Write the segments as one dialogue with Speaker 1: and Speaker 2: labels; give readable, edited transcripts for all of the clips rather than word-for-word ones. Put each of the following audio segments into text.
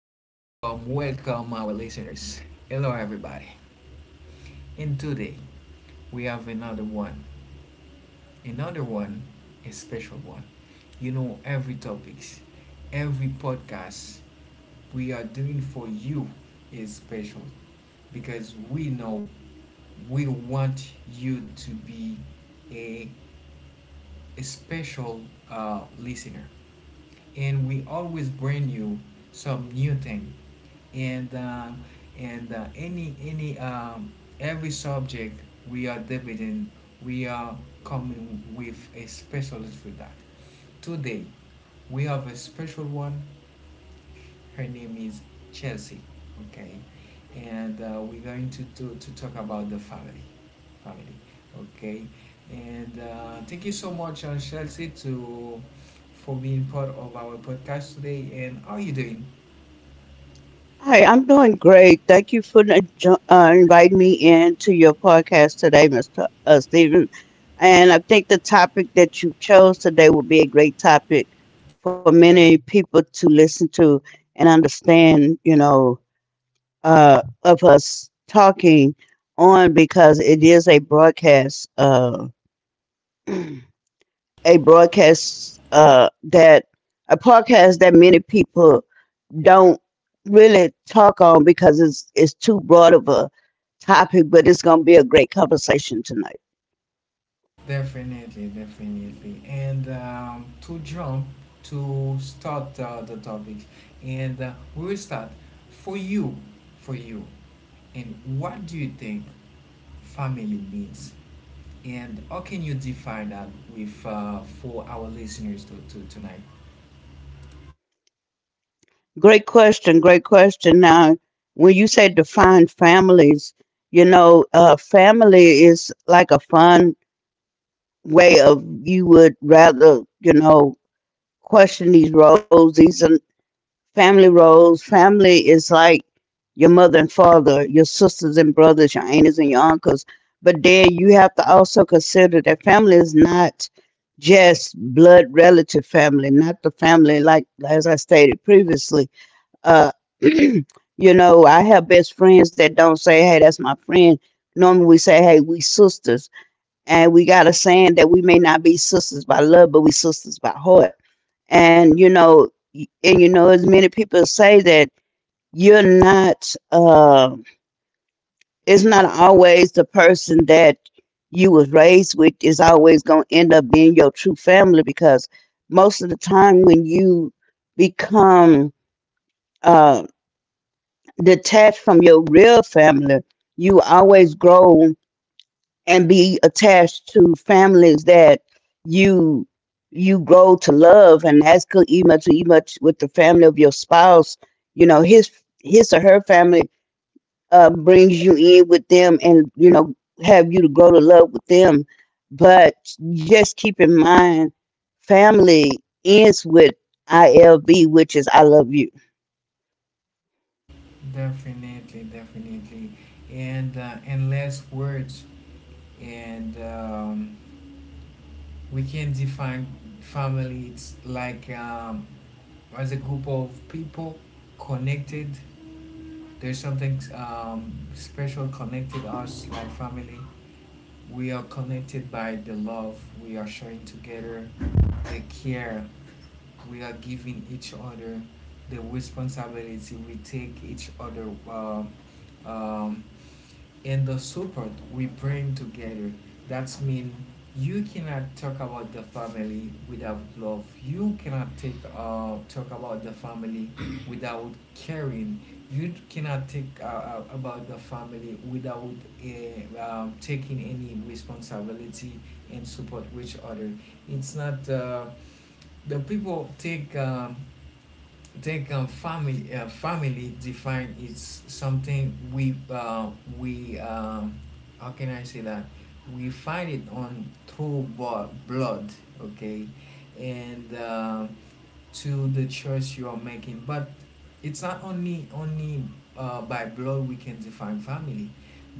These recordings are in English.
Speaker 1: welcome, our listeners. Hello, everybody. And today we have another one, a special one. You know, every topics, every podcast we are doing for you is special because we know we want you to be a, a special listener. And we always bring you some new thing and uh, and any every subject we are debating we are coming with a specialist for that. Today we have a special one. Her name is Chelsea. Okay, and we're going to, to talk about the family, family. Okay, and thank you so much, Chelsea, to for being part of our podcast today. And how are you doing?
Speaker 2: Hi, I'm doing great. Thank you for the inviting me in to your podcast today, Mr. Stephen. And I think the topic that you chose today will be a great topic for many people to listen to and understand, you know, of us talking on because it is a broadcast, a broadcast that, a podcast that many people don't really talk on because it's too broad of a topic, but it's gonna be a great conversation tonight.
Speaker 1: Definitely, definitely. And To jump to start the topic, and we will start for you, for you. And what do you think family means? And how can you define that with for our listeners to tonight?
Speaker 2: Great question, great question. Now, when you say define families, you know, family is like a fun way of you would rather, you know, question these roles. These are family roles. Family is like your mother and father, your sisters and brothers, your aunties and your uncles. But then you have to also consider that family is not just blood relative family, not the family like as I stated previously. Uh, you know, I have best friends that don't say, "Hey, that's my friend." Normally, we say, "Hey, we sisters," and we got a saying that we may not be sisters by love, but we sisters by heart. And you know, as many people say that you're not uh, it's not always the person that you was raised with is always going to end up being your true family because most of the time when you become uh, detached from your real family, you always grow and be attached to families that you you grow to love. And that's good, even much much with the family of your spouse. You know, his or her family brings you in with them, and you know, have you to grow to love with them. But just keep in mind, family ends with ilv, which is I love you.
Speaker 1: Definitely, definitely. And In less words, and we can define family. It's like as a group of people connected, there's something special connected us like family. We are connected by the love we are sharing together, the care we are giving each other, the responsibility we take each other, um, um, and the support we bring together. That's mean you cannot talk about the family without love. You cannot take talk about the family without caring. You cannot take about the family without taking any responsibility and support each other. It's not the people take think family family define, it's something we we um, how can I say that, we find it on through blood. Okay, and to the choice you are making, but it's not only by blood we can define family,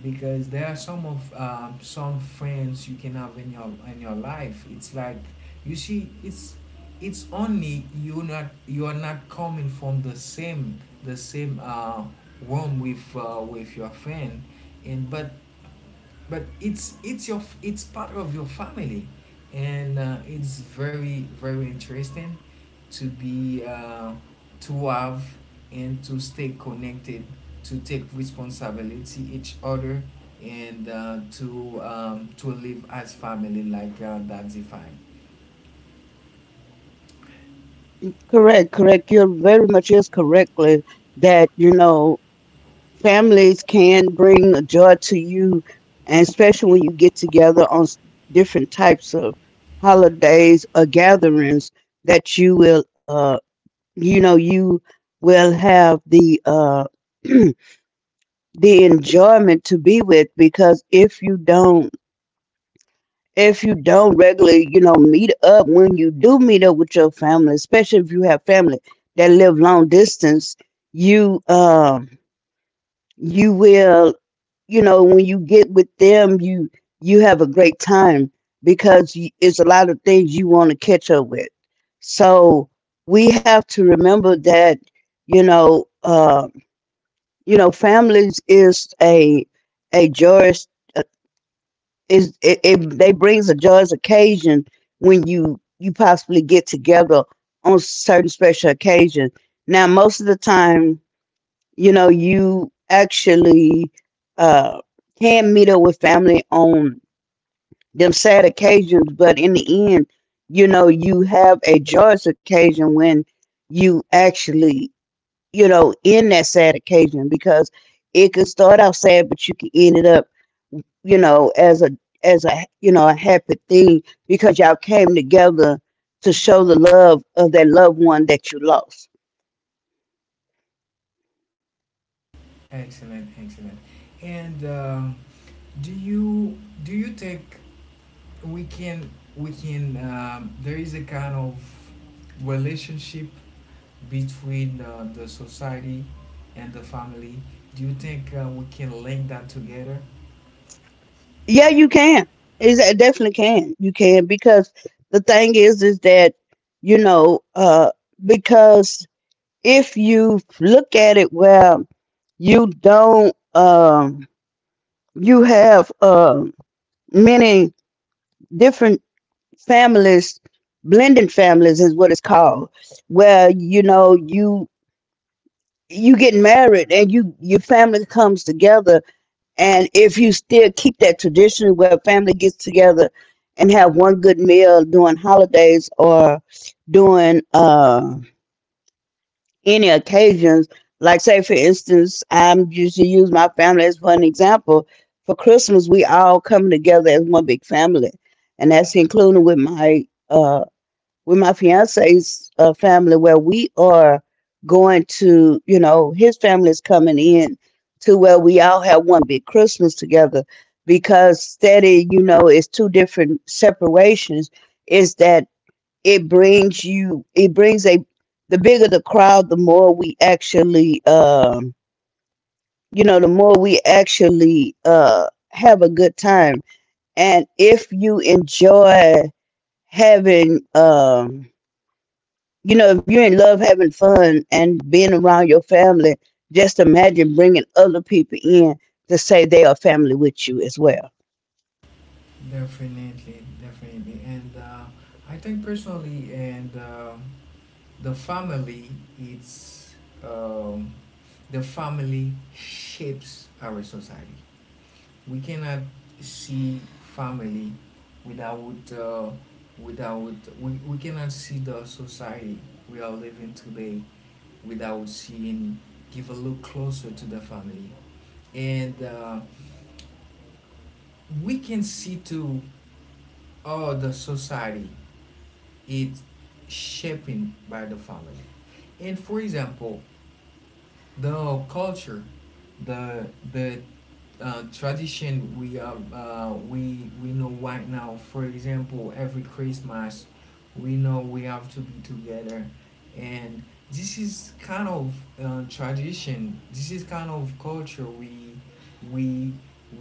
Speaker 1: because there are some of some friends you can have in your life. It's like you see, it's only you, not you are not coming from the same the same womb with your friend and, but it's your, it's part of your family. And It's very very interesting to be to have and to stay connected, to take responsibility each other, and to live as family like that defined.
Speaker 2: Correct, correct, you're very much is correctly that you know families can bring a joy to you, and especially when you get together on different types of holidays or gatherings, that you will you know you will have the the enjoyment to be with. Because if you don't, if you don't regularly, you know, meet up, when you do meet up with your family, especially if you have family that live long distance, you you will, you know, when you get with them, you have a great time because it's a lot of things you want to catch up with. So we have to remember that, you know, uh you know, families is a joyous, is it, it they brings a joyous occasion when you possibly get together on certain special occasion. Now, most of the time, you know, you actually uh, can meet up with family on them sad occasions, but in the end, you know, you have a joyous occasion when you actually, you know, in that sad occasion, because it could start out sad, but you could end it up, you know, as a you know a happy thing, because y'all came together to show the love of that loved one that you lost.
Speaker 1: Excellent, excellent. And Do you, do you think we can, we can there is a kind of relationship between the society and the family? Do you think we can link that together?
Speaker 2: Yeah, you can. Is it definitely can. You can because the thing is that you know, because if you look at it where you don't, you have many different families, blended families is what it's called, where you know you you get married and you your family comes together. And if you still keep that tradition where family gets together and have one good meal during holidays or during any occasions, like say for instance, I'm just to use my family as one example. For Christmas we all come together as one big family. And that's including with my fiance's family, where we are going to, you know, his family is coming in to where we all have one big Christmas together. Because steady, you know, it's two different separations. Is that it brings you, it brings a, the bigger the crowd, the more we actually, you know, the more we actually have a good time. And if you enjoy having, you know, if you're in love having fun and being around your family, just imagine bringing other people in to say they are family with you as well.
Speaker 1: Definitely, definitely. And I think personally, and the family, it's um, the family shapes our society. We cannot see family without without we, we cannot see the society we are living today without seeing, give a look closer to the family. And We can see to all the society, it's shaping by the family. And for example, the culture, the the tradition we are we know right now. For example, every Christmas, we know we have to be together, and this is kind of tradition. This is kind of culture we we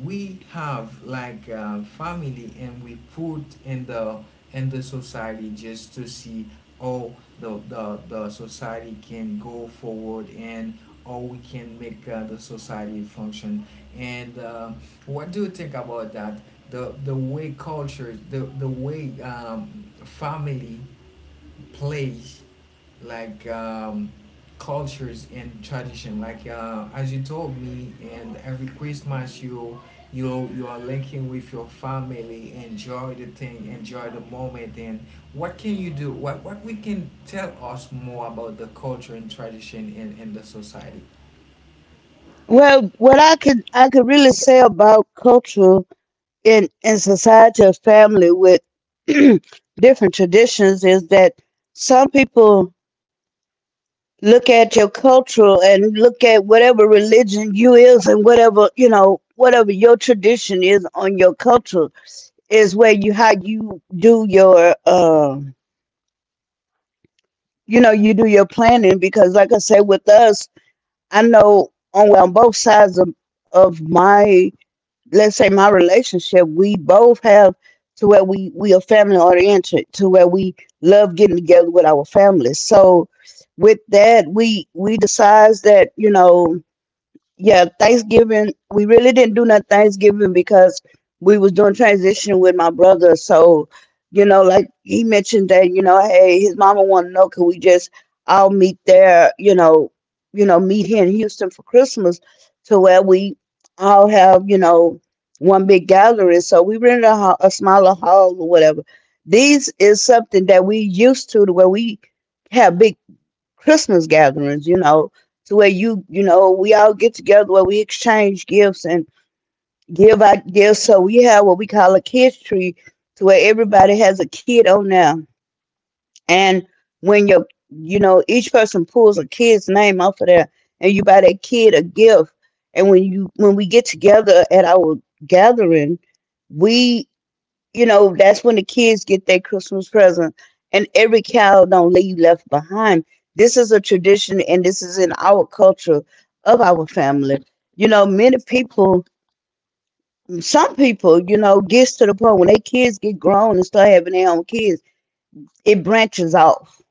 Speaker 1: we have like family, and we put in the society just to see how the society can go forward and how we can make the society function. And What do you think about that? The way culture, the way family plays like cultures and tradition. Like as you told me, and every Christmas you, you are linking with your family, enjoy the thing, enjoy the moment. And what can you do? What we can tell us more about the culture and tradition in the society?
Speaker 2: Well, what I could really say about culture in society of family with different traditions is that some people look at your cultural and look at whatever religion you is and whatever you know whatever your tradition is on your culture, is where you how you do your you know, you do your planning, because, like I said, with us, I know on, well, on both sides of my, let's say, my relationship, we both have to where we are family oriented, to where we love getting together with our families. So, with that, we decides that you know yeah, Thanksgiving. We really didn't do no Thanksgiving because we was doing transition with my brother. So, you know, like he mentioned that, you know, hey, his mama want to know, can we just all meet there? You know, meet here in Houston for Christmas, to where we all have, you know, one big gathering. So we rented a, a smaller hall or whatever. These is something that we used to where we have big Christmas gatherings, you know, to where you know, we all get together where we exchange gifts and give out gifts. So we have what we call a kids tree, to where everybody has a kid on there. And when you know, each person pulls a kid's name off of there and you buy that kid a gift. And when you when we get together at our gathering, we you know, that's when the kids get their Christmas present. And every child don't leave left behind. This is a tradition, and this is in our culture of our family. You know, many people, some people, you know, gets to the point when their kids get grown and start having their own kids, it branches off.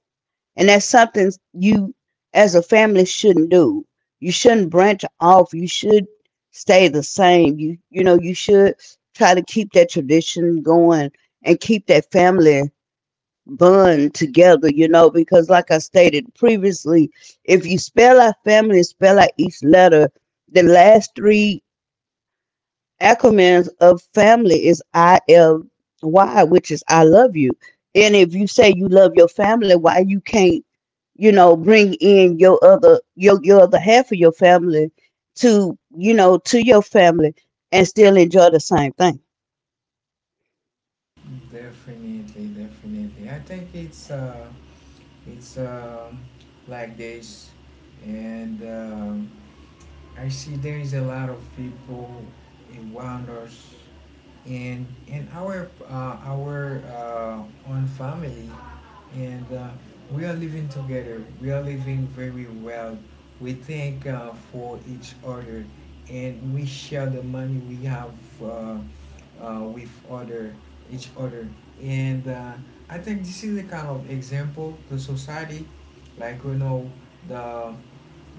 Speaker 2: And that's something you as a family shouldn't do. You shouldn't branch off. You should stay the same. You know, you should try to keep that tradition going and keep that family bond together, you know, because like I stated previously, if you spell out family, spell out each letter, the last three acronyms of family is ILY, which is I love you. And if you say you love your family, why you can't, you know, bring in your other half of your family to, you know, to your family and still enjoy the same thing.
Speaker 1: Definitely, definitely. I think it's it's um, like this, and I see there is a lot of people in wonders and in our own family, and we are living together. We are living very well. We thank for each other, and we share the money we have uh, with other each other. And I think this is the kind of example the society, like you know, the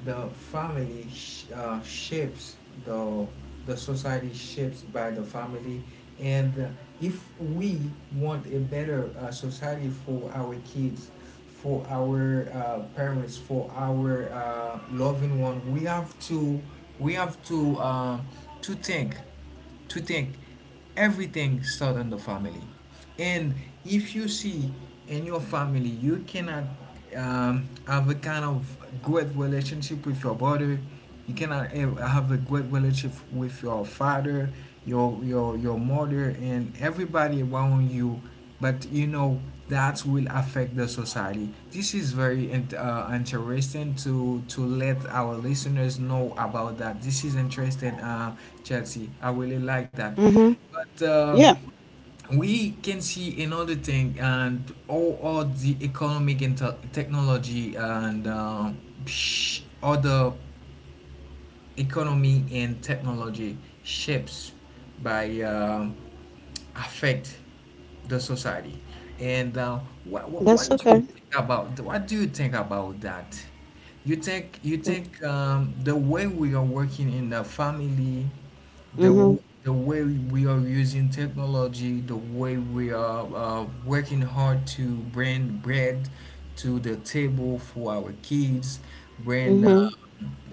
Speaker 1: shapes the the society shapes by the family. And If we want a better society for our kids, for our parents, for our loving one, we have to, we have to uh, to think, to think everything starts in the family. And if you see in your family you cannot have a kind of great relationship with your brother, you cannot have a great relationship with your father, your mother, and everybody around you. But you know that will affect the society. This is very interesting to let our listeners know about that. This is interesting. Chelsea, I really like that.
Speaker 2: Mhm.
Speaker 1: But
Speaker 2: Yeah,
Speaker 1: We can see another thing, and all the economic and technology and other economy and technology shapes by affect the society. And What,
Speaker 2: that's
Speaker 1: what do you
Speaker 2: okay.
Speaker 1: think about, what do you think about that? You think, you think the way we are working in the family, the
Speaker 2: Mhm.
Speaker 1: the way we are using technology, the way we are working hard to bring bread to the table for our kids, bring
Speaker 2: Mhm.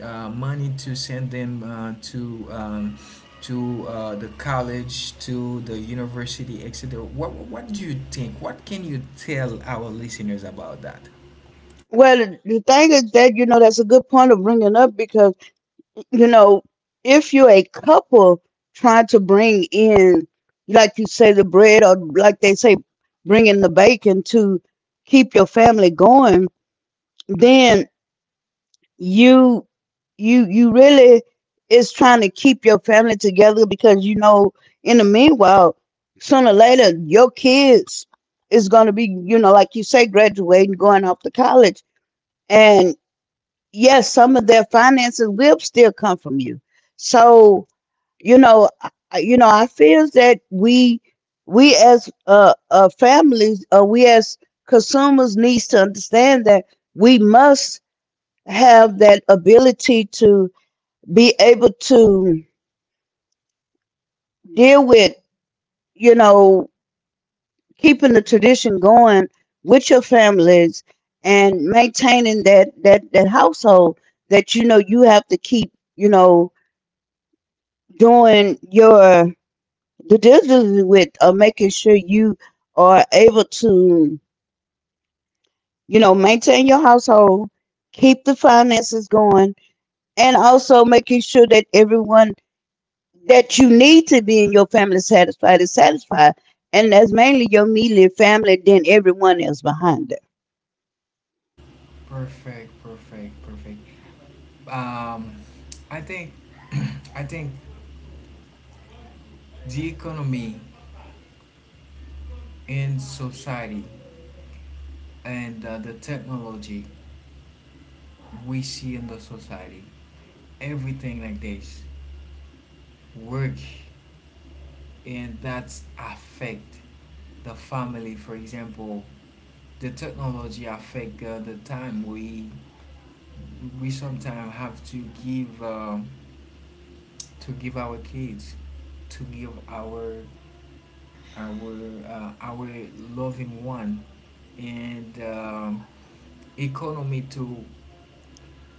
Speaker 1: money to send them to the college, to the university, etc. What do you think? What can you tell our listeners about that?
Speaker 2: Well, the thing is that, you know, that's a good point of bringing up, because, you know, if you're a couple trying to bring in, like you say, the bread, or like they say, bring in the bacon to keep your family going, then you, you really is trying to keep your family together because, you know, in the meanwhile, sooner or later, your kids is going to be, you know, like you say, graduating, going off to college. Yes, some of their finances will still come from you. So you know, you know, I feel that we as uh, families, we as consumers needs to understand that we must have that ability to be able to deal with you know keeping the tradition going with your families and maintaining that that that household, that you know you have to keep you know doing your the diligence with making sure you are able to, you know, maintain your household, keep the finances going, and also making sure that everyone that you need to be in your family satisfied is satisfied. And that's mainly your immediate family, then everyone else behind it.
Speaker 1: Perfect, perfect, perfect. Um, I think, I think the economy in society, and the technology we see in the society, everything like this, work, and that's affect the family. For example, the technology affect the time we sometimes have to give, to give our kids, to give our our loving one. And Economy to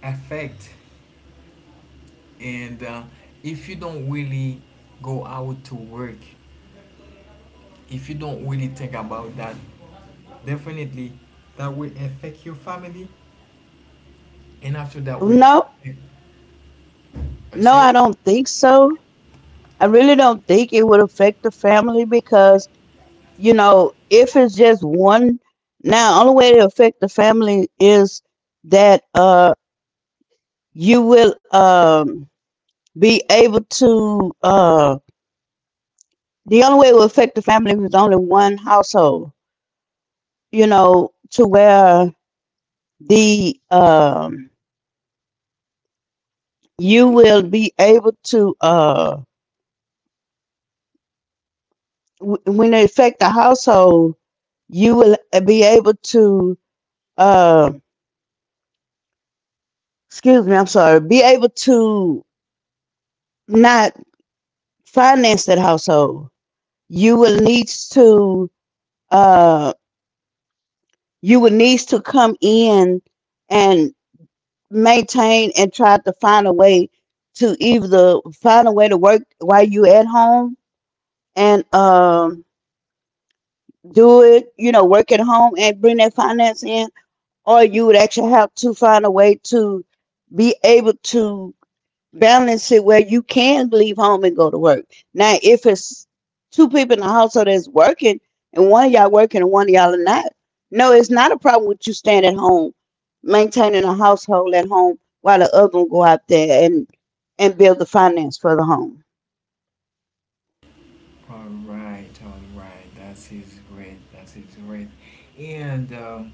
Speaker 1: affect, and if you don't really go out to work, if you don't really think about that. Definitely, that will affect your family, and after that will affect.
Speaker 2: No,
Speaker 1: I
Speaker 2: no,
Speaker 1: say.
Speaker 2: I don't think so. I really don't think it would affect the family because. You know, if it's just one, now only way to affect the family is that you will be able to the only way it will affect the family is only one household, you know, to where the you will be able to when it affect the household, you will be able to uh excuse me, I'm sorry, be able to not finance that household. You will need to uh you will need to come in and maintain and try to find a way to either find a way to work while you at home and do it, you know, work at home and bring that finance in, or you would actually have to find a way to be able to balance it where you can leave home and go to work. Now, if it's two people in the household that's working and one of y'all working and one of y'all are not, no, it's not a problem with you staying at home, maintaining a household at home while the other one go out there and build the finance for the home.
Speaker 1: All right, all right. That is great. That is great. And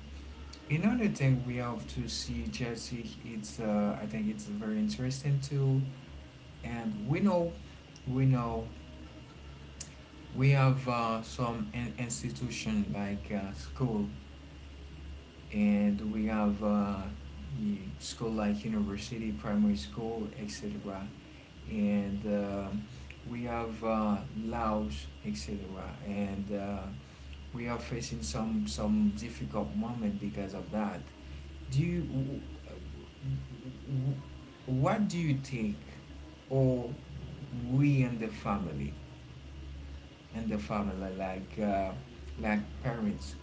Speaker 1: Another thing we have to see, Jesse. It's I think it's very interesting too. And we know, we know, we have some institution like school, and we have school like university, primary school, etc. And We have laws, etc. And We are facing some difficult moment because of that. Do you, what do you think, or we and the family, and the family like parents,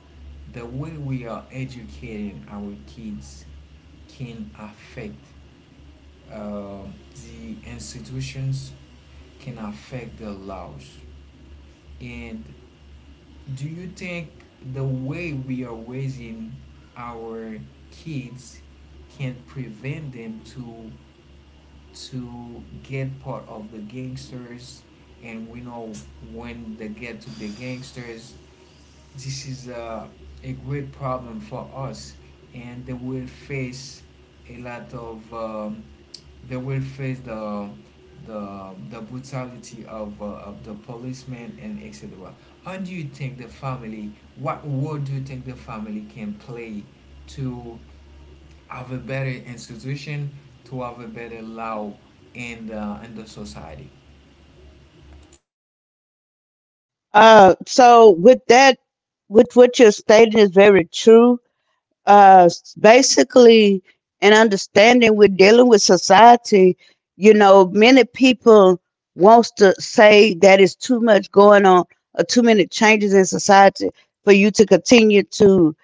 Speaker 1: the way we are educating our kids, can affect um, the institutions, can affect the laws. And do you think the way we are raising our kids can prevent them to get part of the gangsters? And we know when they get to the gangsters, this is a great problem for us, and they will face a lot of they will face the brutality of the policemen and etc. How do you think the family, what role do you think the family can play to have a better institution, to have a better law in the society?
Speaker 2: So with that, with what you're stating is very true. Basically an understanding we're dealing with society, you know, many people wants to say that it's too much going on or too many changes in society for you to continue to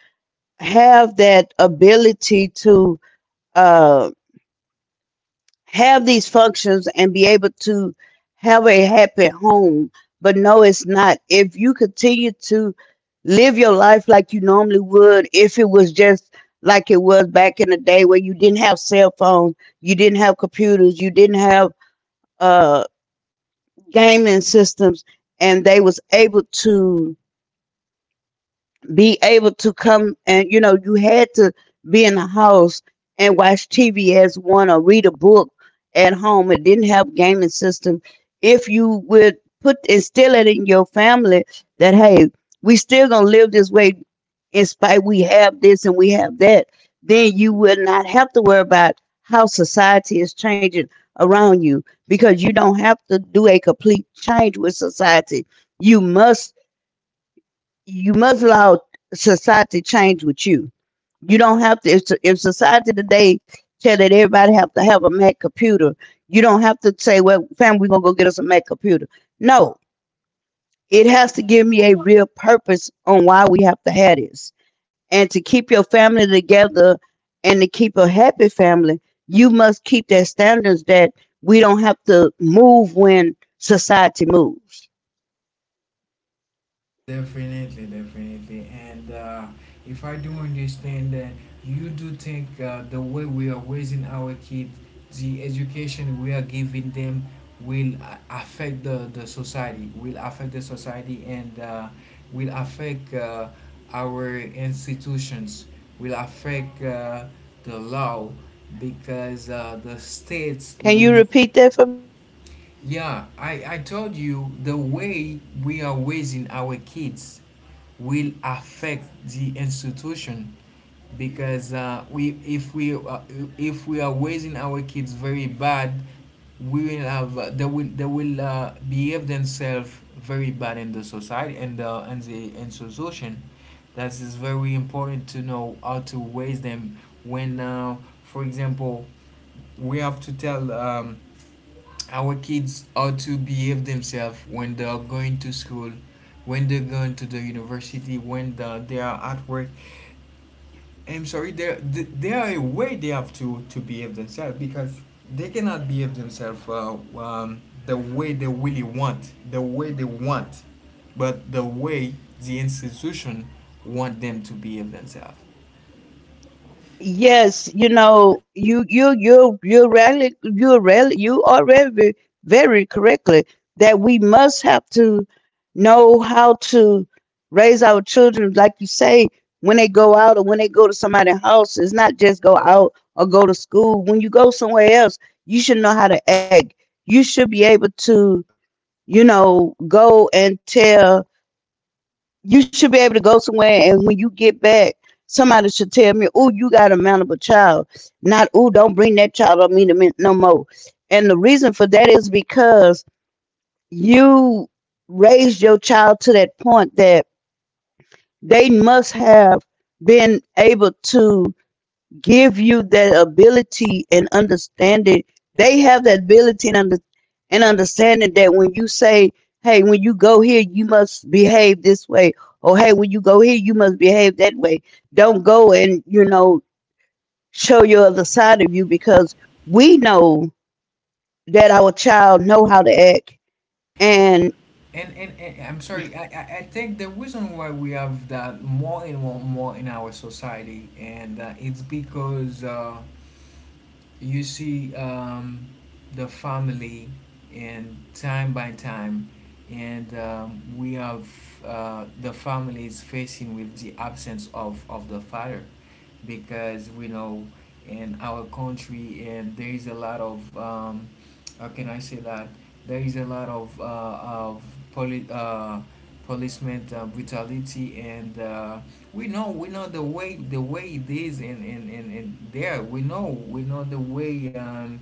Speaker 2: have that ability to uh, have these functions and be able to have a happy home. But no, it's not. If you continue to live your life like you normally would, if it was just like it was back in the day where you didn't have cell phones, you didn't have computers, you didn't have uh, gaming systems, and they was able to be able to come and, you know, you had to be in the house and watch TV as one or read a book at home. It didn't have a gaming system. If you would put instill it in your family that hey, we still gonna live this way in spite we have this and we have that, then you will not have to worry about how society is changing around you because you don't have to do a complete change with society. You must you must allow society change with you. You don't have to. If society today tell that everybody have to have a Mac computer, you don't have to say, "Well, fam, we're gonna go get us a Mac computer." No, it has to give me a real purpose on why we have to have this, and to keep your family together and to keep a happy family, you must keep that standards that we don't have to move when society moves.
Speaker 1: Definitely, definitely. And If I do understand that, you do think the way we are raising our kids, the education we are giving them will affect the society, will affect the society, and will affect our institutions, will affect the law, because the states
Speaker 2: Can
Speaker 1: will,
Speaker 2: you repeat that for me, please?
Speaker 1: yeah, I told you, the way we are raising our kids will affect the institution. Because we, if we are raising our kids very bad, we will have they will, behave themselves very bad in the society and the institution. That is very important to know how to raise them. When for example, we have to tell our kids ought to behave themselves when they are going to school, when they're going to the university, when the, they are at work. I'm sorry, there are a way they have to behave themselves, because they cannot behave themselves the way they really want, the way they want, but the way the institution want them to behave themselves.
Speaker 2: Yes, you know, you really you are very very correctly that we must have to know how to raise our children, like you say, when they go out or when they go to somebody's house. It's not just go out or go to school. When you go somewhere else, you should know how to act. You should be able to, you know, go and tell you should be able to go somewhere and when you get back, somebody should tell me, oh, you got a mountable child. Not, oh, don't bring that child up me to me no more. And the reason for that is because you raised your child to that point that they must have been able to give you that ability and understanding. They have that ability and, and understanding that when you say, hey, when you go here, you must behave this way, or hey, when you go here, you must behave that way. Don't go and, you know, show your other side of you because we know that our child know how to act. And
Speaker 1: And I'm sorry, I think the reason why we have that more and more, in our society, and it's because you see the family and time by time, and we have the family is facing with the absence of the father, because we know in our country and there is a lot of how can I say that, there is a lot of poli- uh, policeman brutality and we know the way it is, and there we know the way.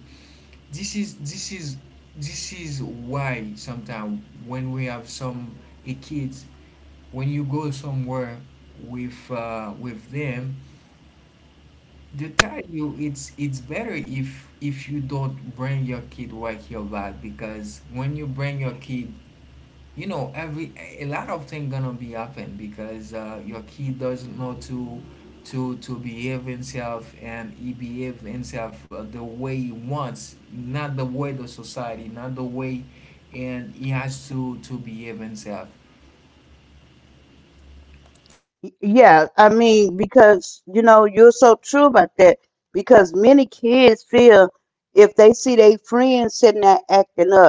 Speaker 1: this is this is this is why sometimes when we have some a kids, when you go somewhere with them, they tell you it's better if you don't bring your kid with your bag, because when you bring your kid, you know every a lot of things gonna be happen, because your kid doesn't know to behave himself, and he behave himself the way he wants, not the way the society, not the way, and he has to behave himself.
Speaker 2: yeah, I mean, because, you know, you're so true about that because many kids feel if they see their friends sitting there acting up,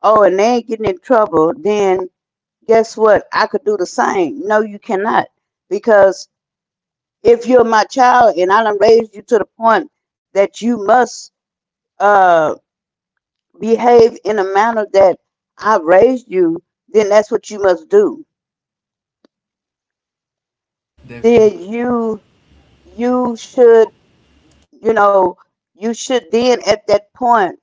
Speaker 2: oh, and they ain't getting in trouble, then guess what? I could do the same. No, you cannot. Because if you're my child and I done raised you to the point that you must uh, behave in a manner that I raised you, then that's what you must do.
Speaker 1: Definitely,
Speaker 2: Then you should, you know, you should then at that point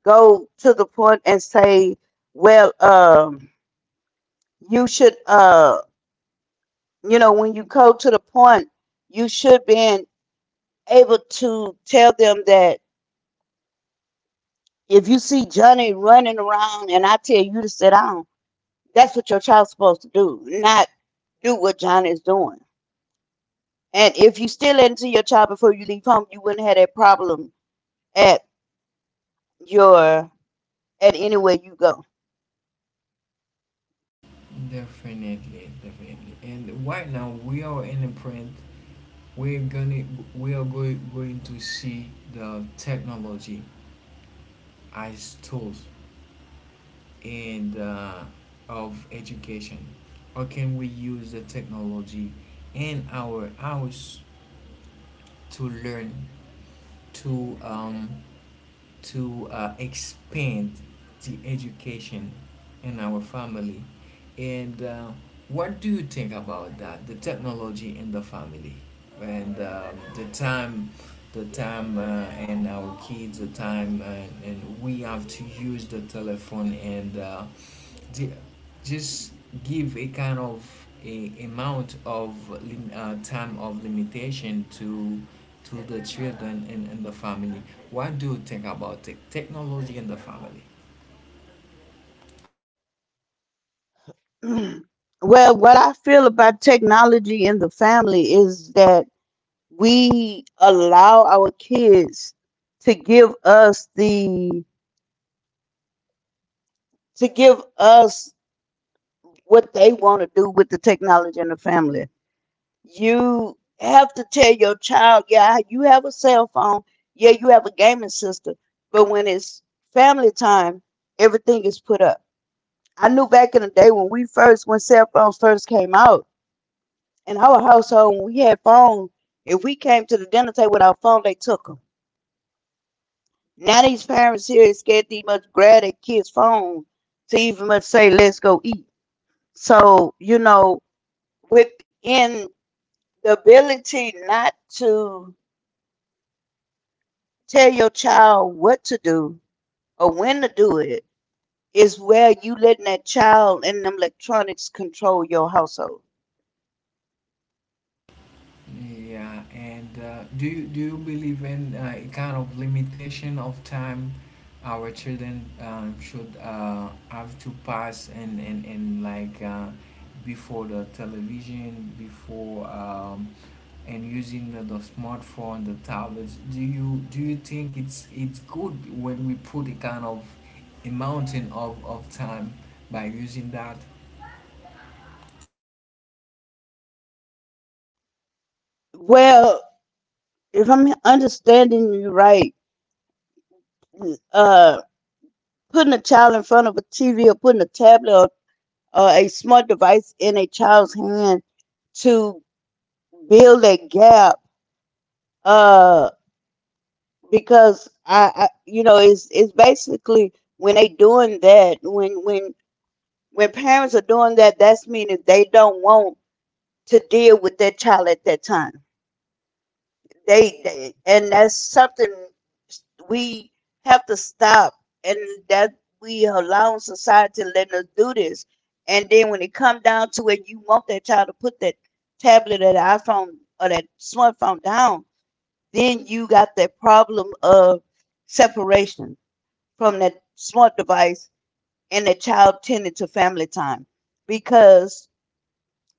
Speaker 2: go to the point and say, well, you should. You know, when you go to the point, you should be able to tell them that if you see Johnny running around and I tell you to sit down, that's what your child's supposed to do, not do what Johnny is doing. And if you still into your child before you leave home, you wouldn't have that problem at your at anywhere you go.
Speaker 1: definitely, definitely, and right now we are in a print, we're gonna we are going to see the technology as tools, and of education? Or can we use the technology in our house to learn, to um, to expand the education in our family? And what do you think about that? The technology in the family, and the time, the time, and our kids, the time, and we have to use the telephone, and the, just give a kind of a amount of time of limitation to the children and the family. What do you think about technology in the family?
Speaker 2: Well, what I feel about technology in the family is that we allow our kids to give us the to give us what they want to do with the technology in the family. You have to tell your child, yeah, you have a cell phone, yeah, you have a gaming system, but when it's family time, everything is put up. I knew back in the day when we first, when cell phones first came out, in our household, when we had phones, if we came to the dinner table with our phone, they took them. Now these parents here is scared to even grab their kids' phone to even much say, let's go eat. So, you know, within the ability not to tell your child what to do or when to do it is where you letting that child and them electronics control your household.
Speaker 1: Yeah, and do you believe in a kind of limitation of time our children should have to pass, and like before the television, before, and using the smartphone, the tablets? Do you think it's good when we put a kind of a mountain of time by using that?
Speaker 2: Well, if I'm understanding you right, uh, putting a child in front of a TV or putting a tablet or a smart device in a child's hand to build a gap. uh, because I, you know, it's basically when they doing that, when parents are doing that, that's meaning they don't want to deal with their child at that time. They and That's something we have to stop, and that we allow society to let us do this, and then when it come down to it you want that child to put that tablet or that iPhone or that smartphone down, then you got that problem of separation from the smart device and the child tended to family time. Because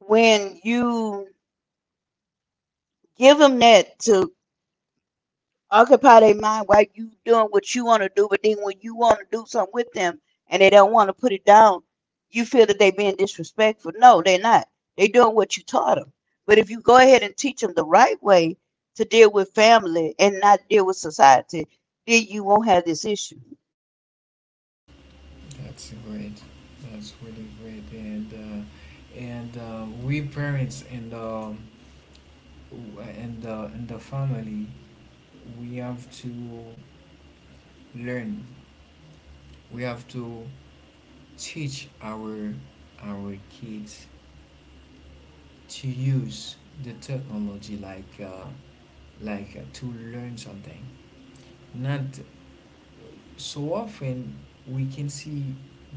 Speaker 2: when you give them that to occupy their mind while you doing what you want to do but then when you want to do something with them and they don't want to put it down, you feel that they being disrespectful. No, they're not, they doing what you taught them. But if you go ahead and teach them the right way to deal with family and not deal with society, then you won't have this issue.
Speaker 1: That's great. That's really great. And we parents and the family, we have to learn. We have to teach our kids to use the technology like to learn something. Not so often we can see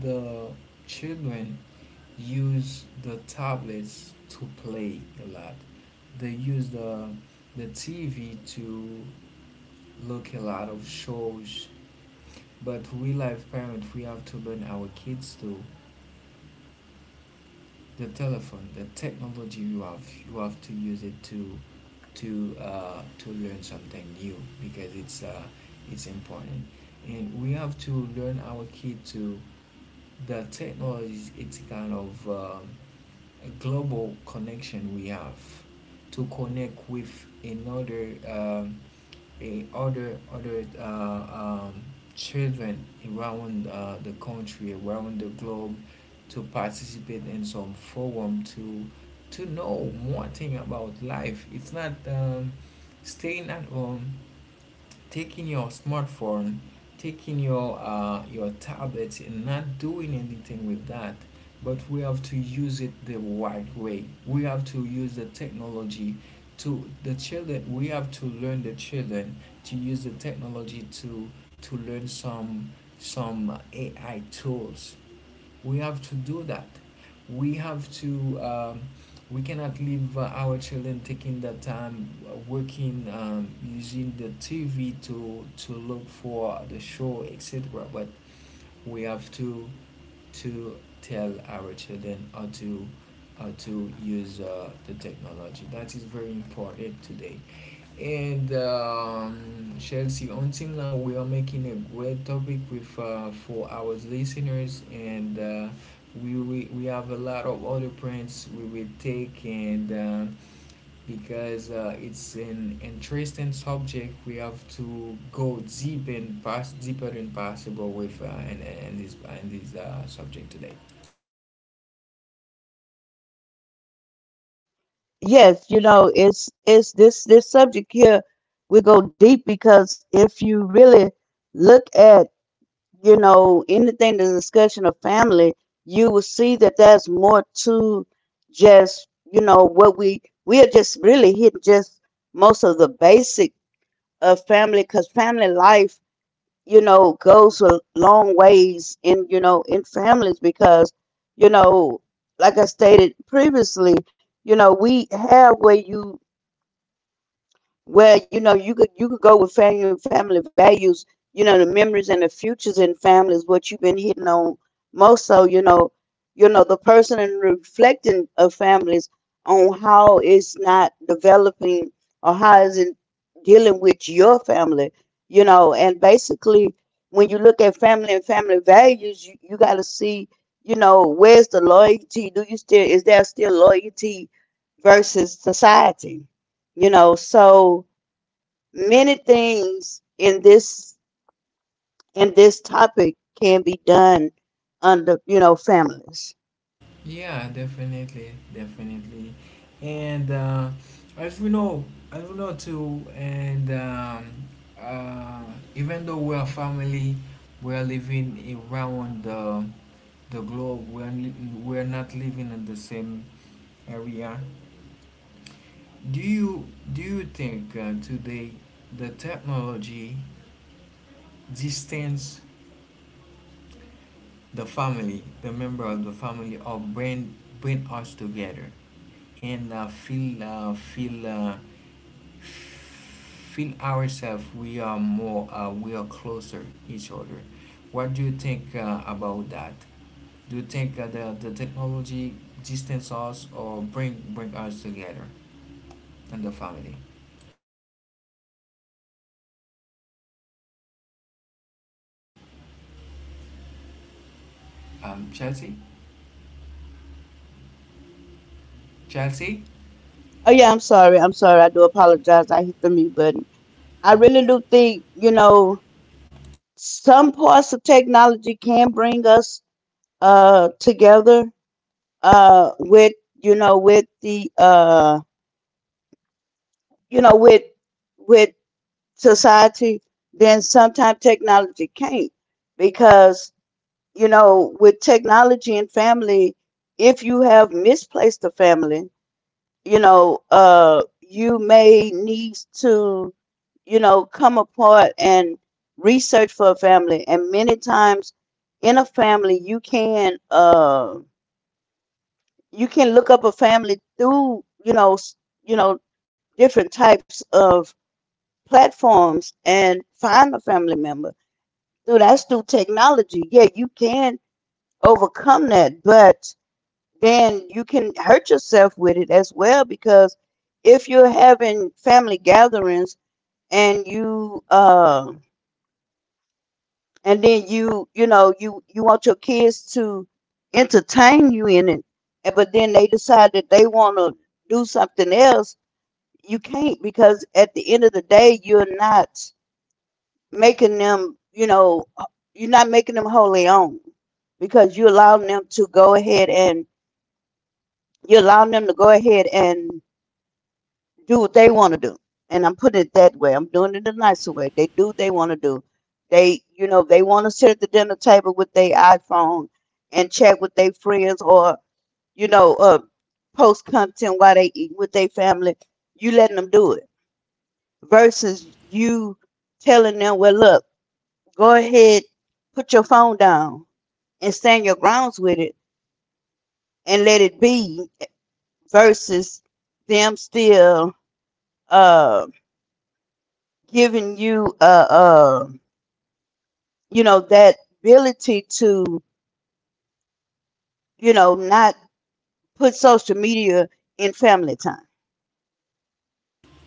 Speaker 1: the children use the tablets to play a lot. They use the TV to look a lot of shows. But we life parents, we have to learn our kids to the telephone, the technology you have. You have to use it to learn something new, because it's important. And we have to learn our kid to the technologies. It's kind of a global connection we have to connect with another, a other children around the country, around the globe, to participate in some forum, to know more thing about life. It's not staying at home, taking your smartphone, taking your tablet, and not doing anything with that. But we have to use it the right way. We have to use the technology to the children. We have to learn the children to use the technology to learn some AI tools. We have to do that. We have to, we cannot leave our children taking the time, working, using the tv to look for the show, etc. But we have to tell our children how to use the technology, that is very important today. And Chelsea, until now we are making a great topic with for our listeners, and we have a lot of other points we will take, and because it's an interesting subject, we have to go deep and pass deeper than possible with and this subject today.
Speaker 2: Yes, you know, it's this subject here, we go deep because if you really look at, you know, anything the discussion of family, you will see that there's more to just, you know, what we are just really hitting, just most of the basic of family, because family life, you know, goes a long ways in, you know, in families, because, you know, like I stated previously, you know, we have where you, well, you know, you could go with family family values, you know, the memories and the futures in families, what you've been hitting on most so, you know, the person and reflecting of families on how it's not developing or how isn't dealing with your family, you know, and basically when you look at family and family values, you gotta see, you know, where's the loyalty? Do you still is there still loyalty versus society? You know, so many things in this topic can be done under, you know, families.
Speaker 1: Yeah, definitely, definitely, and as we know, as we know too, and uh, even though we are family, we are living around the globe. We are not living in the same area. Do you do you think today the technology distance the family, the member of the family, or bring us together? And feel ourselves, we are more, we are closer each other. What do you think about that? Do you think the technology distance us or bring us together in the family? Chelsea, Chelsea.
Speaker 2: Oh yeah, I'm sorry. I'm sorry. I do apologize. I hit the mute button. I really do think, you know, some parts of technology can bring us together with, you know, with the you know, with with society, then sometimes technology can't, because, you know, with technology and family, if you have misplaced a family, you know, you may need to, you know, come apart and research for a family. And many times in a family, you can look up a family through, you know, you know, different types of platforms and find a family member. Through that's through technology. Yeah, you can overcome that, but then you can hurt yourself with it as well because if you're having family gatherings and you and then you know, you want your kids to entertain you in it, and but then they decide that they want to do something else, you can't because at the end of the day you're not making them, you know, you're not making them wholly own because you allowing them to go ahead and you are allowing them to go ahead and do what they want to do. And I'm putting it that way. I'm doing it the nicer way. They do what they want to do. They, you know, they want to sit at the dinner table with their iPhone and chat with their friends or, you know, post content while they eat with their family. You letting them do it versus you telling them, well, look, go ahead, put your phone down and stand your grounds with it and let it be versus them still uh, giving you a. That ability to not put social media in family time.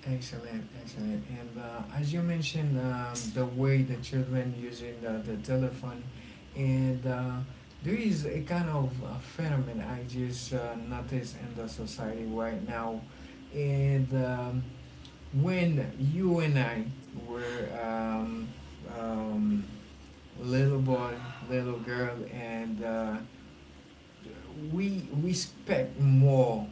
Speaker 1: Excellent, excellent. And as you mentioned, the way the children using the telephone, and there is a kind of a phenomenon I just noticed in the society right now. And when you and I were, um, little boy, little girl, and we respect more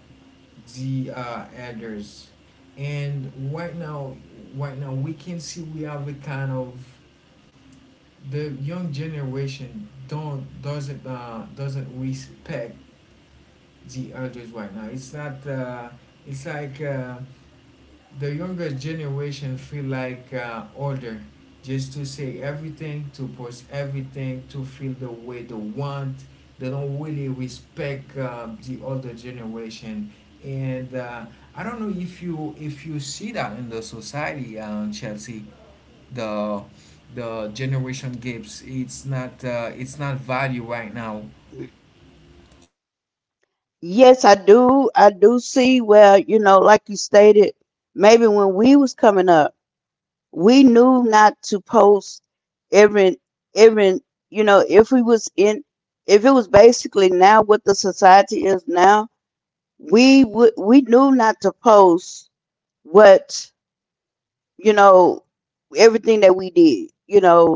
Speaker 1: the elders, and right now we can see we have a kind of the young generation don't doesn't respect the elders right now. It's not it's like the younger generation feel like order just to say everything, to post everything, to feel the way they want. They don't really respect the older generation, and I don't know if you see that in the society, Chelsea. The the generation gaps, it's not value right now.
Speaker 2: Yes, I do. I do see where, like you stated, maybe when we was coming up, we knew not to post every every you know, if we was in if it was basically now what the society is now, we knew not to post what, you know, everything that we did,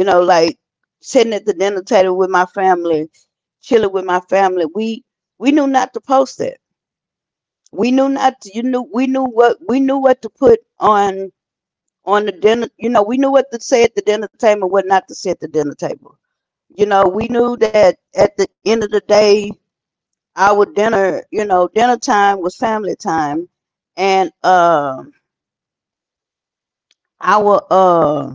Speaker 2: Like sitting at the dinner table with my family, chilling with my family. We knew not to post it. We knew not to, you knew we knew what to put on the dinner, we knew what to say at the dinner table and what not to say at the dinner table. We knew that at the end of the day, our dinner, you know, dinner time was family time, and our uh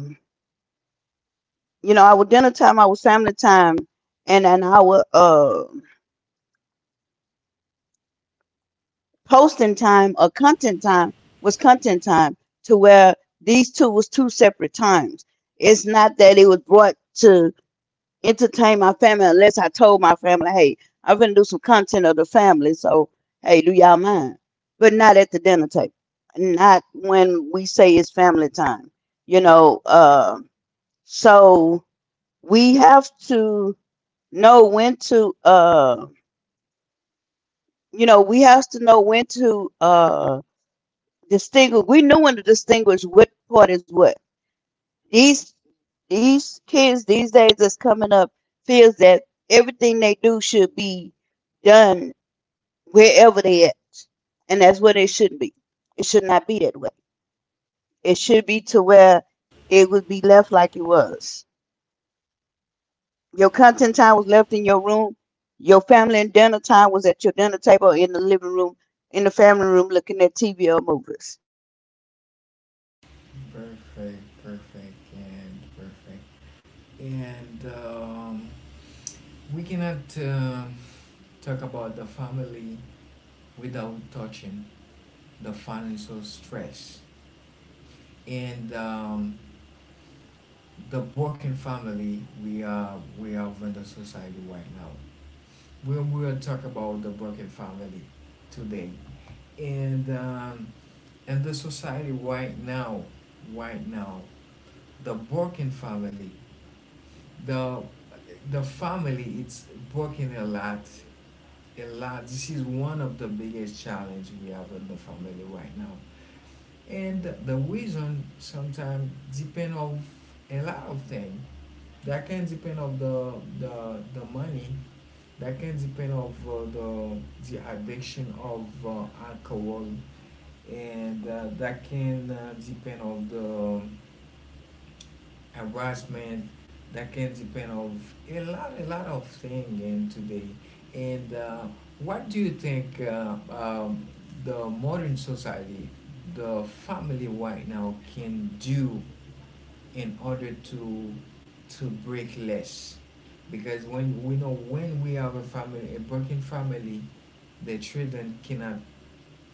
Speaker 2: our dinner time, our family time, and then our posting time or content time was content time, to where these two was two separate times. It's not that it was brought to entertain my family unless I told my family, "Hey, I'm gonna do some content of the family, so hey, do y'all mind?" But not at the dinner table. Not when we say it's family time. You know, uh so we have to know when to you know, we have to know when to distinguish. We know when to distinguish what part is what. These these kids these days that's coming up feels that everything they do should be done wherever they at, and that's what it should be. It should not be that way. It should be to where it would be left like it was. Your content time was left in your room. Your family and dinner time was at your dinner table in the living room, in the family room, looking at TV or movies.
Speaker 1: Perfect, perfect, and perfect. And we cannot talk about the family without touching the financial stress, and the broken family we are, we have in the society right now. We will talk about the broken family today, and and the society right now, right now, the broken family, the the family, it's broken a lot, a lot. This is one of the biggest challenge we have in the family right now, and the reason sometimes depend of a lot of things. That can depend of the money, that can depend of the addiction of alcohol, and that can depend of the harassment, that can depend of a lot of thing in today. And what do you think, the modern society, the family right now can do in order to break less? Because when we know, when we have a family, a broken family, the children cannot,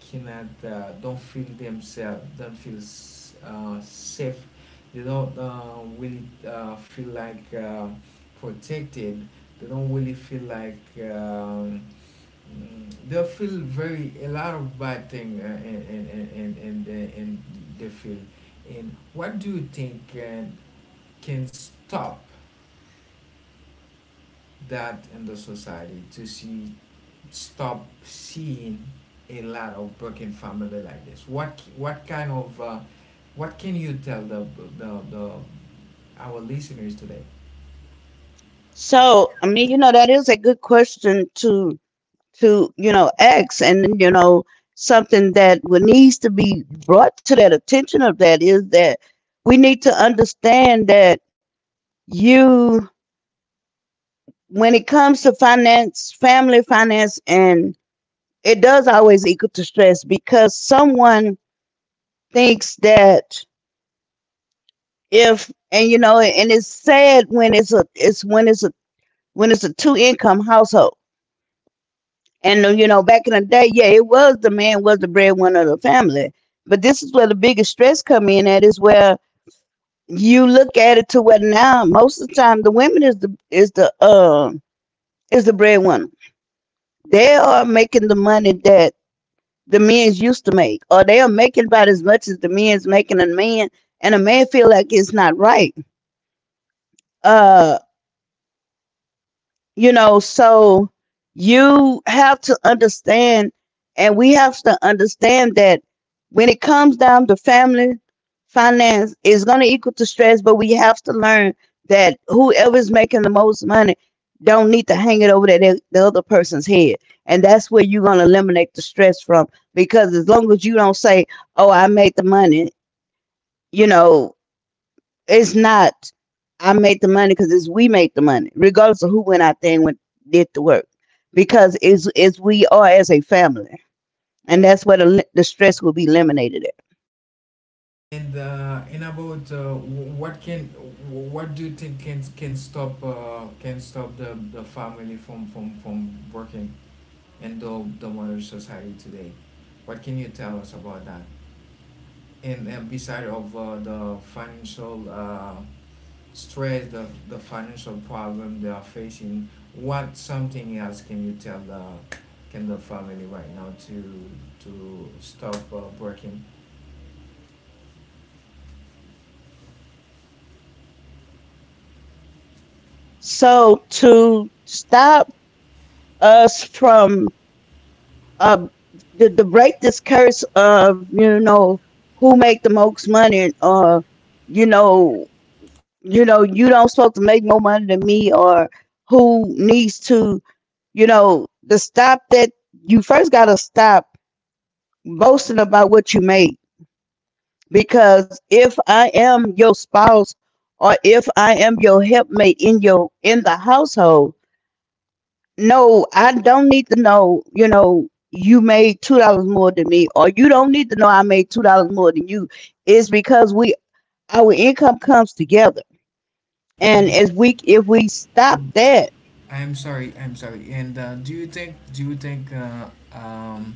Speaker 1: cannot don't feel themselves, don't feel safe, they don't really feel like, protected, they don't really feel like, um, they feel very a lot of bad thing, and the, in the and. What do you think can stop that in the society to see stop seeing a lot of broken family like this? What kind of what can you tell the our listeners today?
Speaker 2: So, I mean, that is a good question to ask, and something that would needs to be brought to that attention of that is that we need to understand that you when it comes to finance, family finance, and it does always equal to stress because someone thinks that if and you know and it's sad when it's a it's when it's a two income household. And back in the day, yeah, it was the man was the breadwinner of the family. But this is where the biggest stress come in at is where you look at it to where now most of the time the women is the is the breadwinner. They are making the money that the men's used to make, or they are making about as much as the men's making. A man and a man feel like it's not right, uh so you have to understand, and we have to understand that when it comes down to family finance, it's going to equal to stress, but we have to learn that whoever's making the most money don't need to hang it over the other person's head. And that's where you're going to eliminate the stress from, because as long as you don't say, "Oh, I made the money," you know, it's not "I make the money," because it's "we make the money," regardless of who went out there and did the work. Because it's we are as a family, and that's where the stress will be eliminated at.
Speaker 1: And about, what can what do you think can stop, can stop the family from working in the modern society today? What can you tell us about that? And beside of the financial, stress, the financial problem they are facing, what something else can you tell the can the family right now to stop, working?
Speaker 2: So to stop us from uh, to break this curse of, who make the most money, or you know you don't supposed to make more money than me, or who needs to, to stop that, you first gotta stop boasting about what you make. Because if I am your spouse or if I am your helpmate in your in the household, no, I don't need to know, you made $2 more than me, or you don't need to know I made $2 more than you. It's because we our income comes together. And
Speaker 1: And
Speaker 2: as we if we stop
Speaker 1: I'm,
Speaker 2: that.
Speaker 1: I'm sorry, I'm sorry, and do you think um,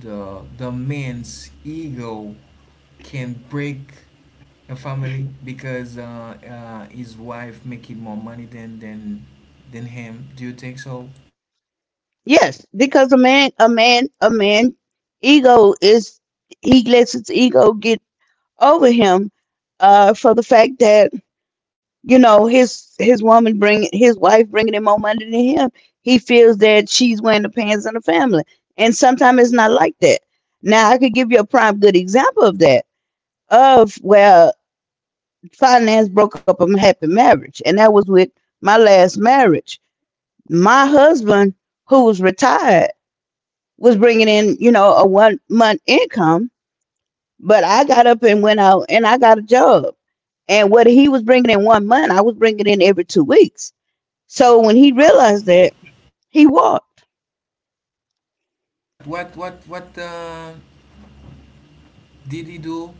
Speaker 1: the man's ego can break a family because, his wife making more money than, him, do you think so?
Speaker 2: Yes, because a man ego is, he lets his ego get over him, for the fact that his wife bringing him more money than him. He feels that she's wearing the pants in the family, and sometimes it's not like that. Now I could give you a prime good example of that, of where finance broke up a happy marriage, and that was with my last marriage. My husband, who was retired, was bringing in, a one month income, but I got up and went out and I got a job. And what he was bringing in one month, I was bringing in every 2 weeks. So when he realized that, he walked,
Speaker 1: What Diddy-do,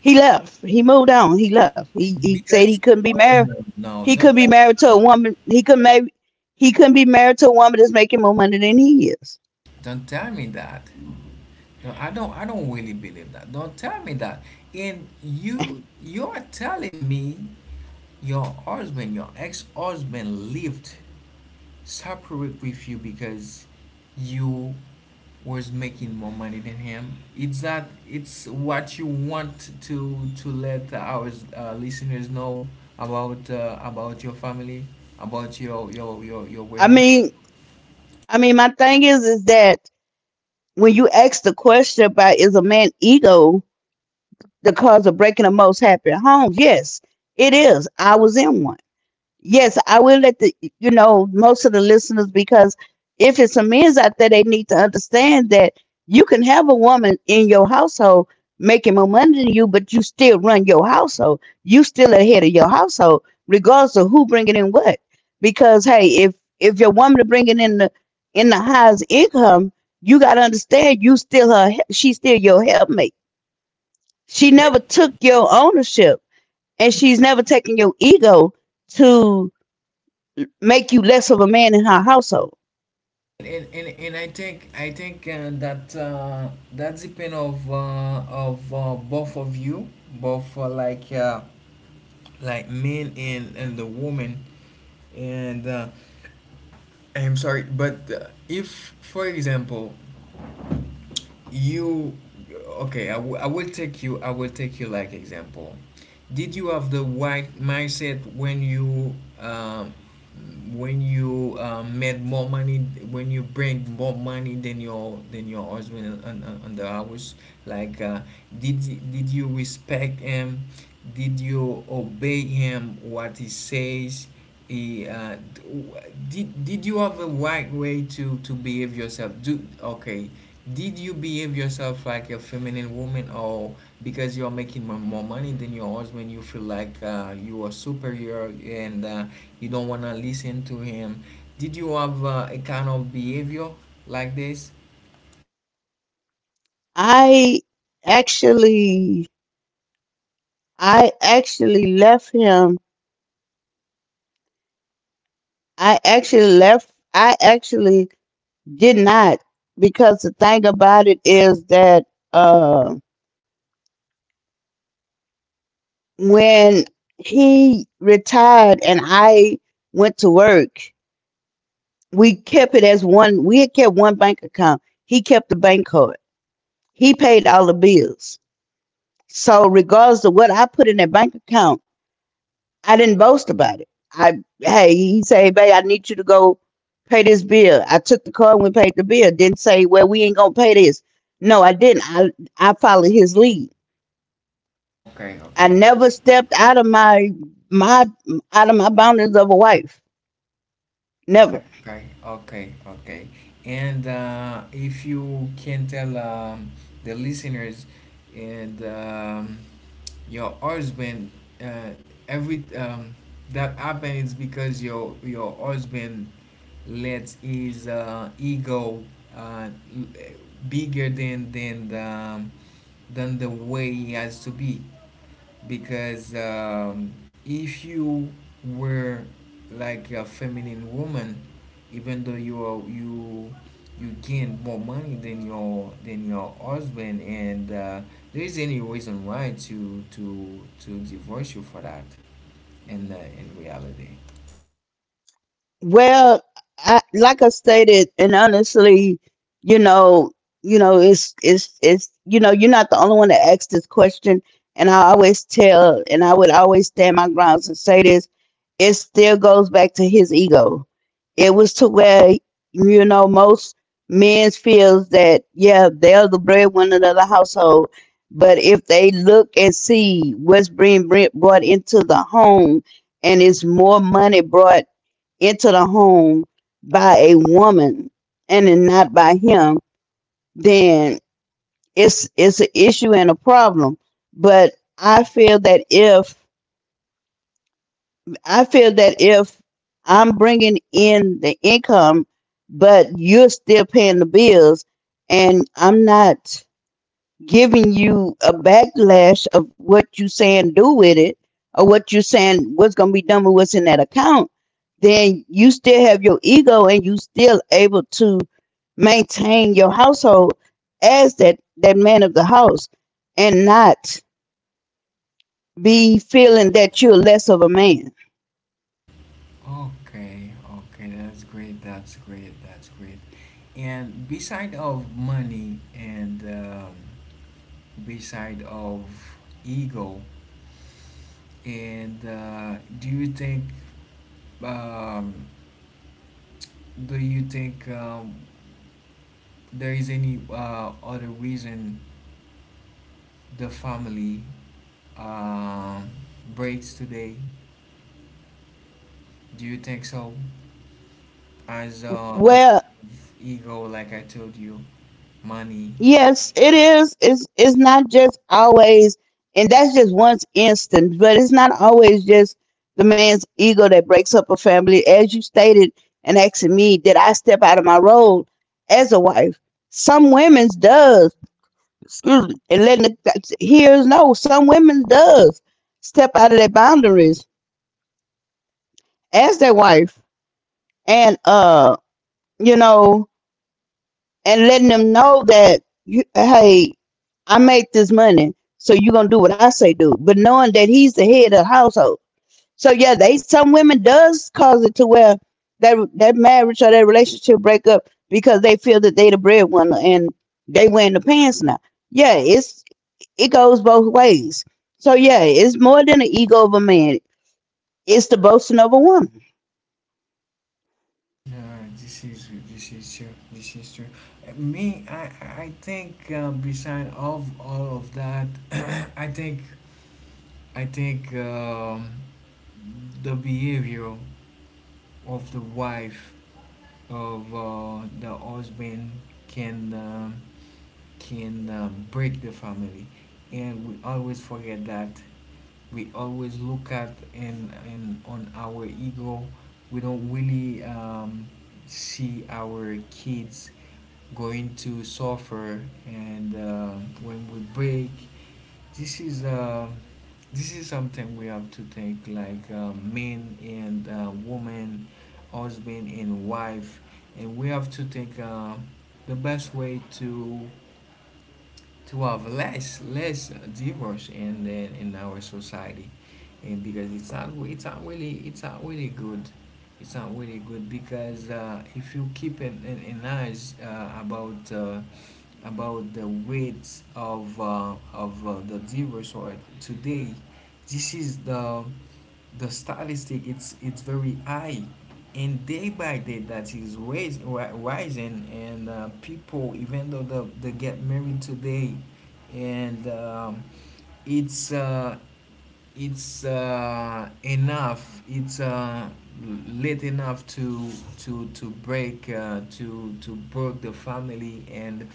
Speaker 2: he left, he moved on, he left. He said
Speaker 1: because,
Speaker 2: he couldn't be
Speaker 1: oh
Speaker 2: married.
Speaker 1: no, no,
Speaker 2: He could not be married to a woman. He couldn't be married to a woman that's making more money than he is.
Speaker 1: don't tell me that. No, I don't really believe that. Don't tell me that. And you are telling me your husband, your ex-husband lived separate with you because you was making more money than him. It's what you want to let our listeners know about, about your family, about your
Speaker 2: I
Speaker 1: wedding.
Speaker 2: mean, my thing is that when you ask the question about is a man ego the cause of breaking of most happy homes, yes, it is. I was in one. Yes, I will let the, most of the listeners, because if it's some men's out there, they need to understand that you can have a woman in your household making more money than you, but you still run your household. You still ahead of your household, regardless of who bringing in what. Because hey, if your woman is bringing in the highest income, you got to understand you still her. She's still your helpmate. She never
Speaker 1: And,
Speaker 2: took your ownership, and she's never taken your ego to make you less of a man in her household.
Speaker 1: and I think that depend of both of you, both like, like men and the woman. And. I'm sorry, but if, for example, you, okay, I will take you like example. Did you have the right mindset when you made more money, when you bring more money than your husband on the house? Like, did did you respect him? Did you obey him what he says? Eh, uh, d- w- did you have a right way to behave yourself? Do Okay. Did you behave yourself like a feminine woman, or because you're making more money than your husband, you feel like you are superior, and you don't wanna listen to him? Did you have a kind of behavior like this?
Speaker 2: I actually I actually left him. I actually left, I actually did not, because the thing about it is that uh when he retired and I went to work, we kept it as one. We had kept one bank account. He kept the bank card. He paid all the bills. So regardless of what I put in that bank account, I didn't boast about it. I Hey, he said, "Hey, babe, I need you to go pay this bill." I took the card and we paid the bill. Didn't say, "Well, we ain't gonna pay this." No, I didn't. I followed his lead.
Speaker 1: Okay,
Speaker 2: I
Speaker 1: okay.
Speaker 2: never stepped out of my my boundaries of a wife. Never.
Speaker 1: Okay, okay, okay. And If you can tell the listeners and your husband, uh, every that happened is because your husband let his ego l- bigger than than the way he has to be, because if you were like a feminine woman, even though you are, you gain more money than your husband, and there is any reason why to divorce you for that in reality.
Speaker 2: Well, I, like I stated, and honestly, you know, you know, it's you know, you're not the only one that asked this question, and I would always stand my grounds and say this. It still goes back to his ego. It was to where, most men feels that, yeah, they're the breadwinner of the household, but if they look and see what's being brought into the home, and it's more money brought into the home by a woman and then not by him, then it's an issue and a problem. But I feel that if I'm bringing in the income, but you're still paying the bills, and I'm not giving you a backlash of what you saying do with it, or what you saying what's going to be done with what's in that account, then you still have your ego and you still able to maintain your household as that man of the house, and not be feeling that you're less of a man.
Speaker 1: Okay, okay, that's great, that's great, that's great. And beside of money and beside of ego. And Do you think um, do you think there is any other reason the family um, breaks today? Do you think so? As besides
Speaker 2: Well.
Speaker 1: ego, like I told you, money.
Speaker 2: Yes, it is. It's not just always, and that's just one instance, but it's not always just the man's ego that breaks up a family. As you stated and asking me, did I step out of my role as a wife? Some women's does, excuse me, and letting the, here's, no. Some women's does step out of their boundaries as their wife, and you know. And letting them know that, hey, I make this money, so you are gonna do what I say do. But knowing that he's the head of the household, so yeah, they some women does cause it to where that that marriage or that relationship break up because they feel that they the breadwinner and they wearing the pants now. Yeah, it goes both ways. So yeah, it's more than the ego of a man. It's the boasting of a woman.
Speaker 1: No, this is true. This is true. Me, I think, beside of all of that, I think I think um, the behavior of the wife, of the husband, can break the family, and we always forget that. We always look at and on our ego, we don't really see our kids going to suffer. And When we break, this is uh, this is something we have to think like men and woman, husband and wife, and we have to think the best way to have less divorce in in our society, and because it's not, it's not really good, it's not really good, because if you keep an eyes about the weight of the divorce or today, this is the stylistic, it's very high, and day by day that is rising. And people, even though they get married today and it's uh, it's late enough to break, to break the family, and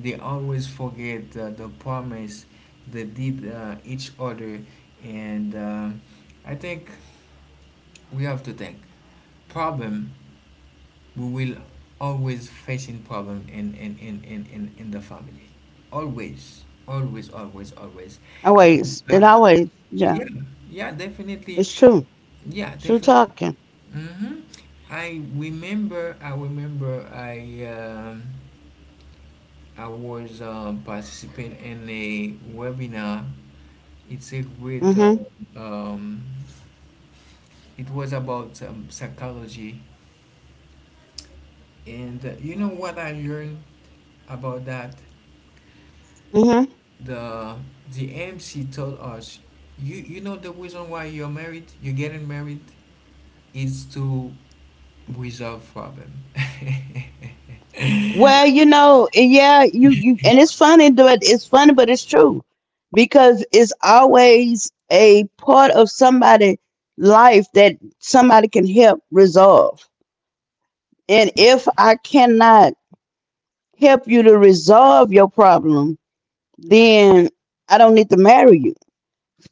Speaker 1: they always forget the promise they did each other. And I think we have to think problem. We will always facing problem in the family, always, always, always, always
Speaker 2: Always,
Speaker 1: uh,
Speaker 2: it always,
Speaker 1: yeah.
Speaker 2: yeah,
Speaker 1: Yeah, definitely.
Speaker 2: it's true.
Speaker 1: yeah
Speaker 2: True
Speaker 1: definitely
Speaker 2: talking.
Speaker 1: hmm I remember. I um, I was participating in a webinar. It's a great,
Speaker 2: Mhm.
Speaker 1: um, it was about psychology, and you know what I learned about that? the the MC told us, you know, the reason why you're getting married is to resolve problem.
Speaker 2: Well, yeah, you and it's funny, but it's true, because it's always a part of somebody's life that somebody can help resolve. And if I cannot help you to resolve your problem, then I don't need to marry you.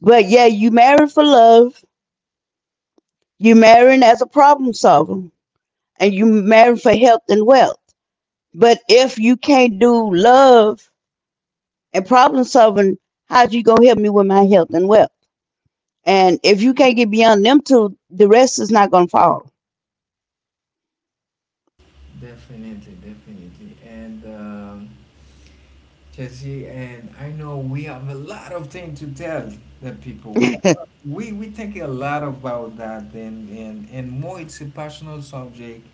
Speaker 2: But yeah, you married for love, you marrying as a problem solver, and you married for health and wealth. But if you can't do love and problem solving, how's you gonna help me with my health and wealth? And if you can't get beyond them two, the rest is not gonna fall.
Speaker 1: Definitely, definitely. And Jesse and I know we have a lot of things to tell the people. We think a lot about that, and more, it's a personal subject,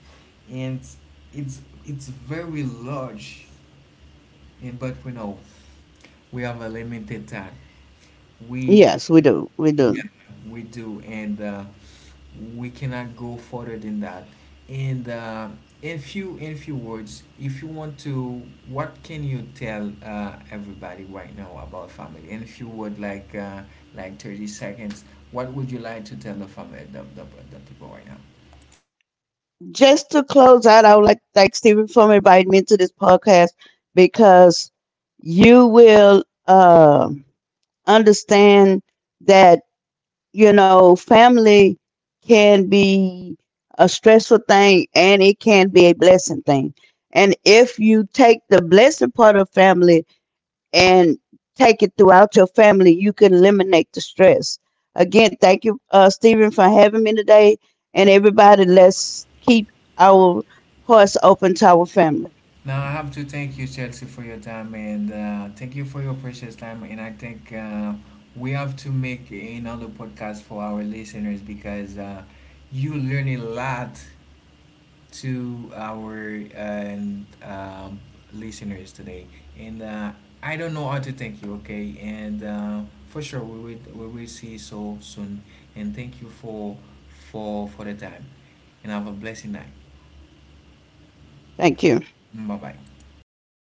Speaker 1: and it's it's very large. And but we know we have a limited time. We,
Speaker 2: Yes, we do. We
Speaker 1: yeah,
Speaker 2: do.
Speaker 1: we do, and we cannot go further than that. And In few words, if you want to, what can you tell everybody right now about family? And if you would like 30 seconds, what would you like to tell the family, the people right now?
Speaker 2: Just to close out, I would like to thank Stephen for inviting me to this podcast, because you will understand that, family can be a stressful thing and it can be a blessing thing, and if you take the blessing part of family and take it throughout your family, you can eliminate the stress. Again, thank you, Stephen, for having me today. And everybody, let's keep our hearts open to our family.
Speaker 1: Now I have to thank you, Chelsea, for your time, and thank you for your precious time. And I think we have to make another podcast for our listeners, because you learn a lot to our and listeners today. And I don't know how to thank you. Okay, and for sure we will see you so soon. And thank you for for the time. And have a blessed night.
Speaker 2: Thank you.
Speaker 1: Bye bye.
Speaker 2: Bye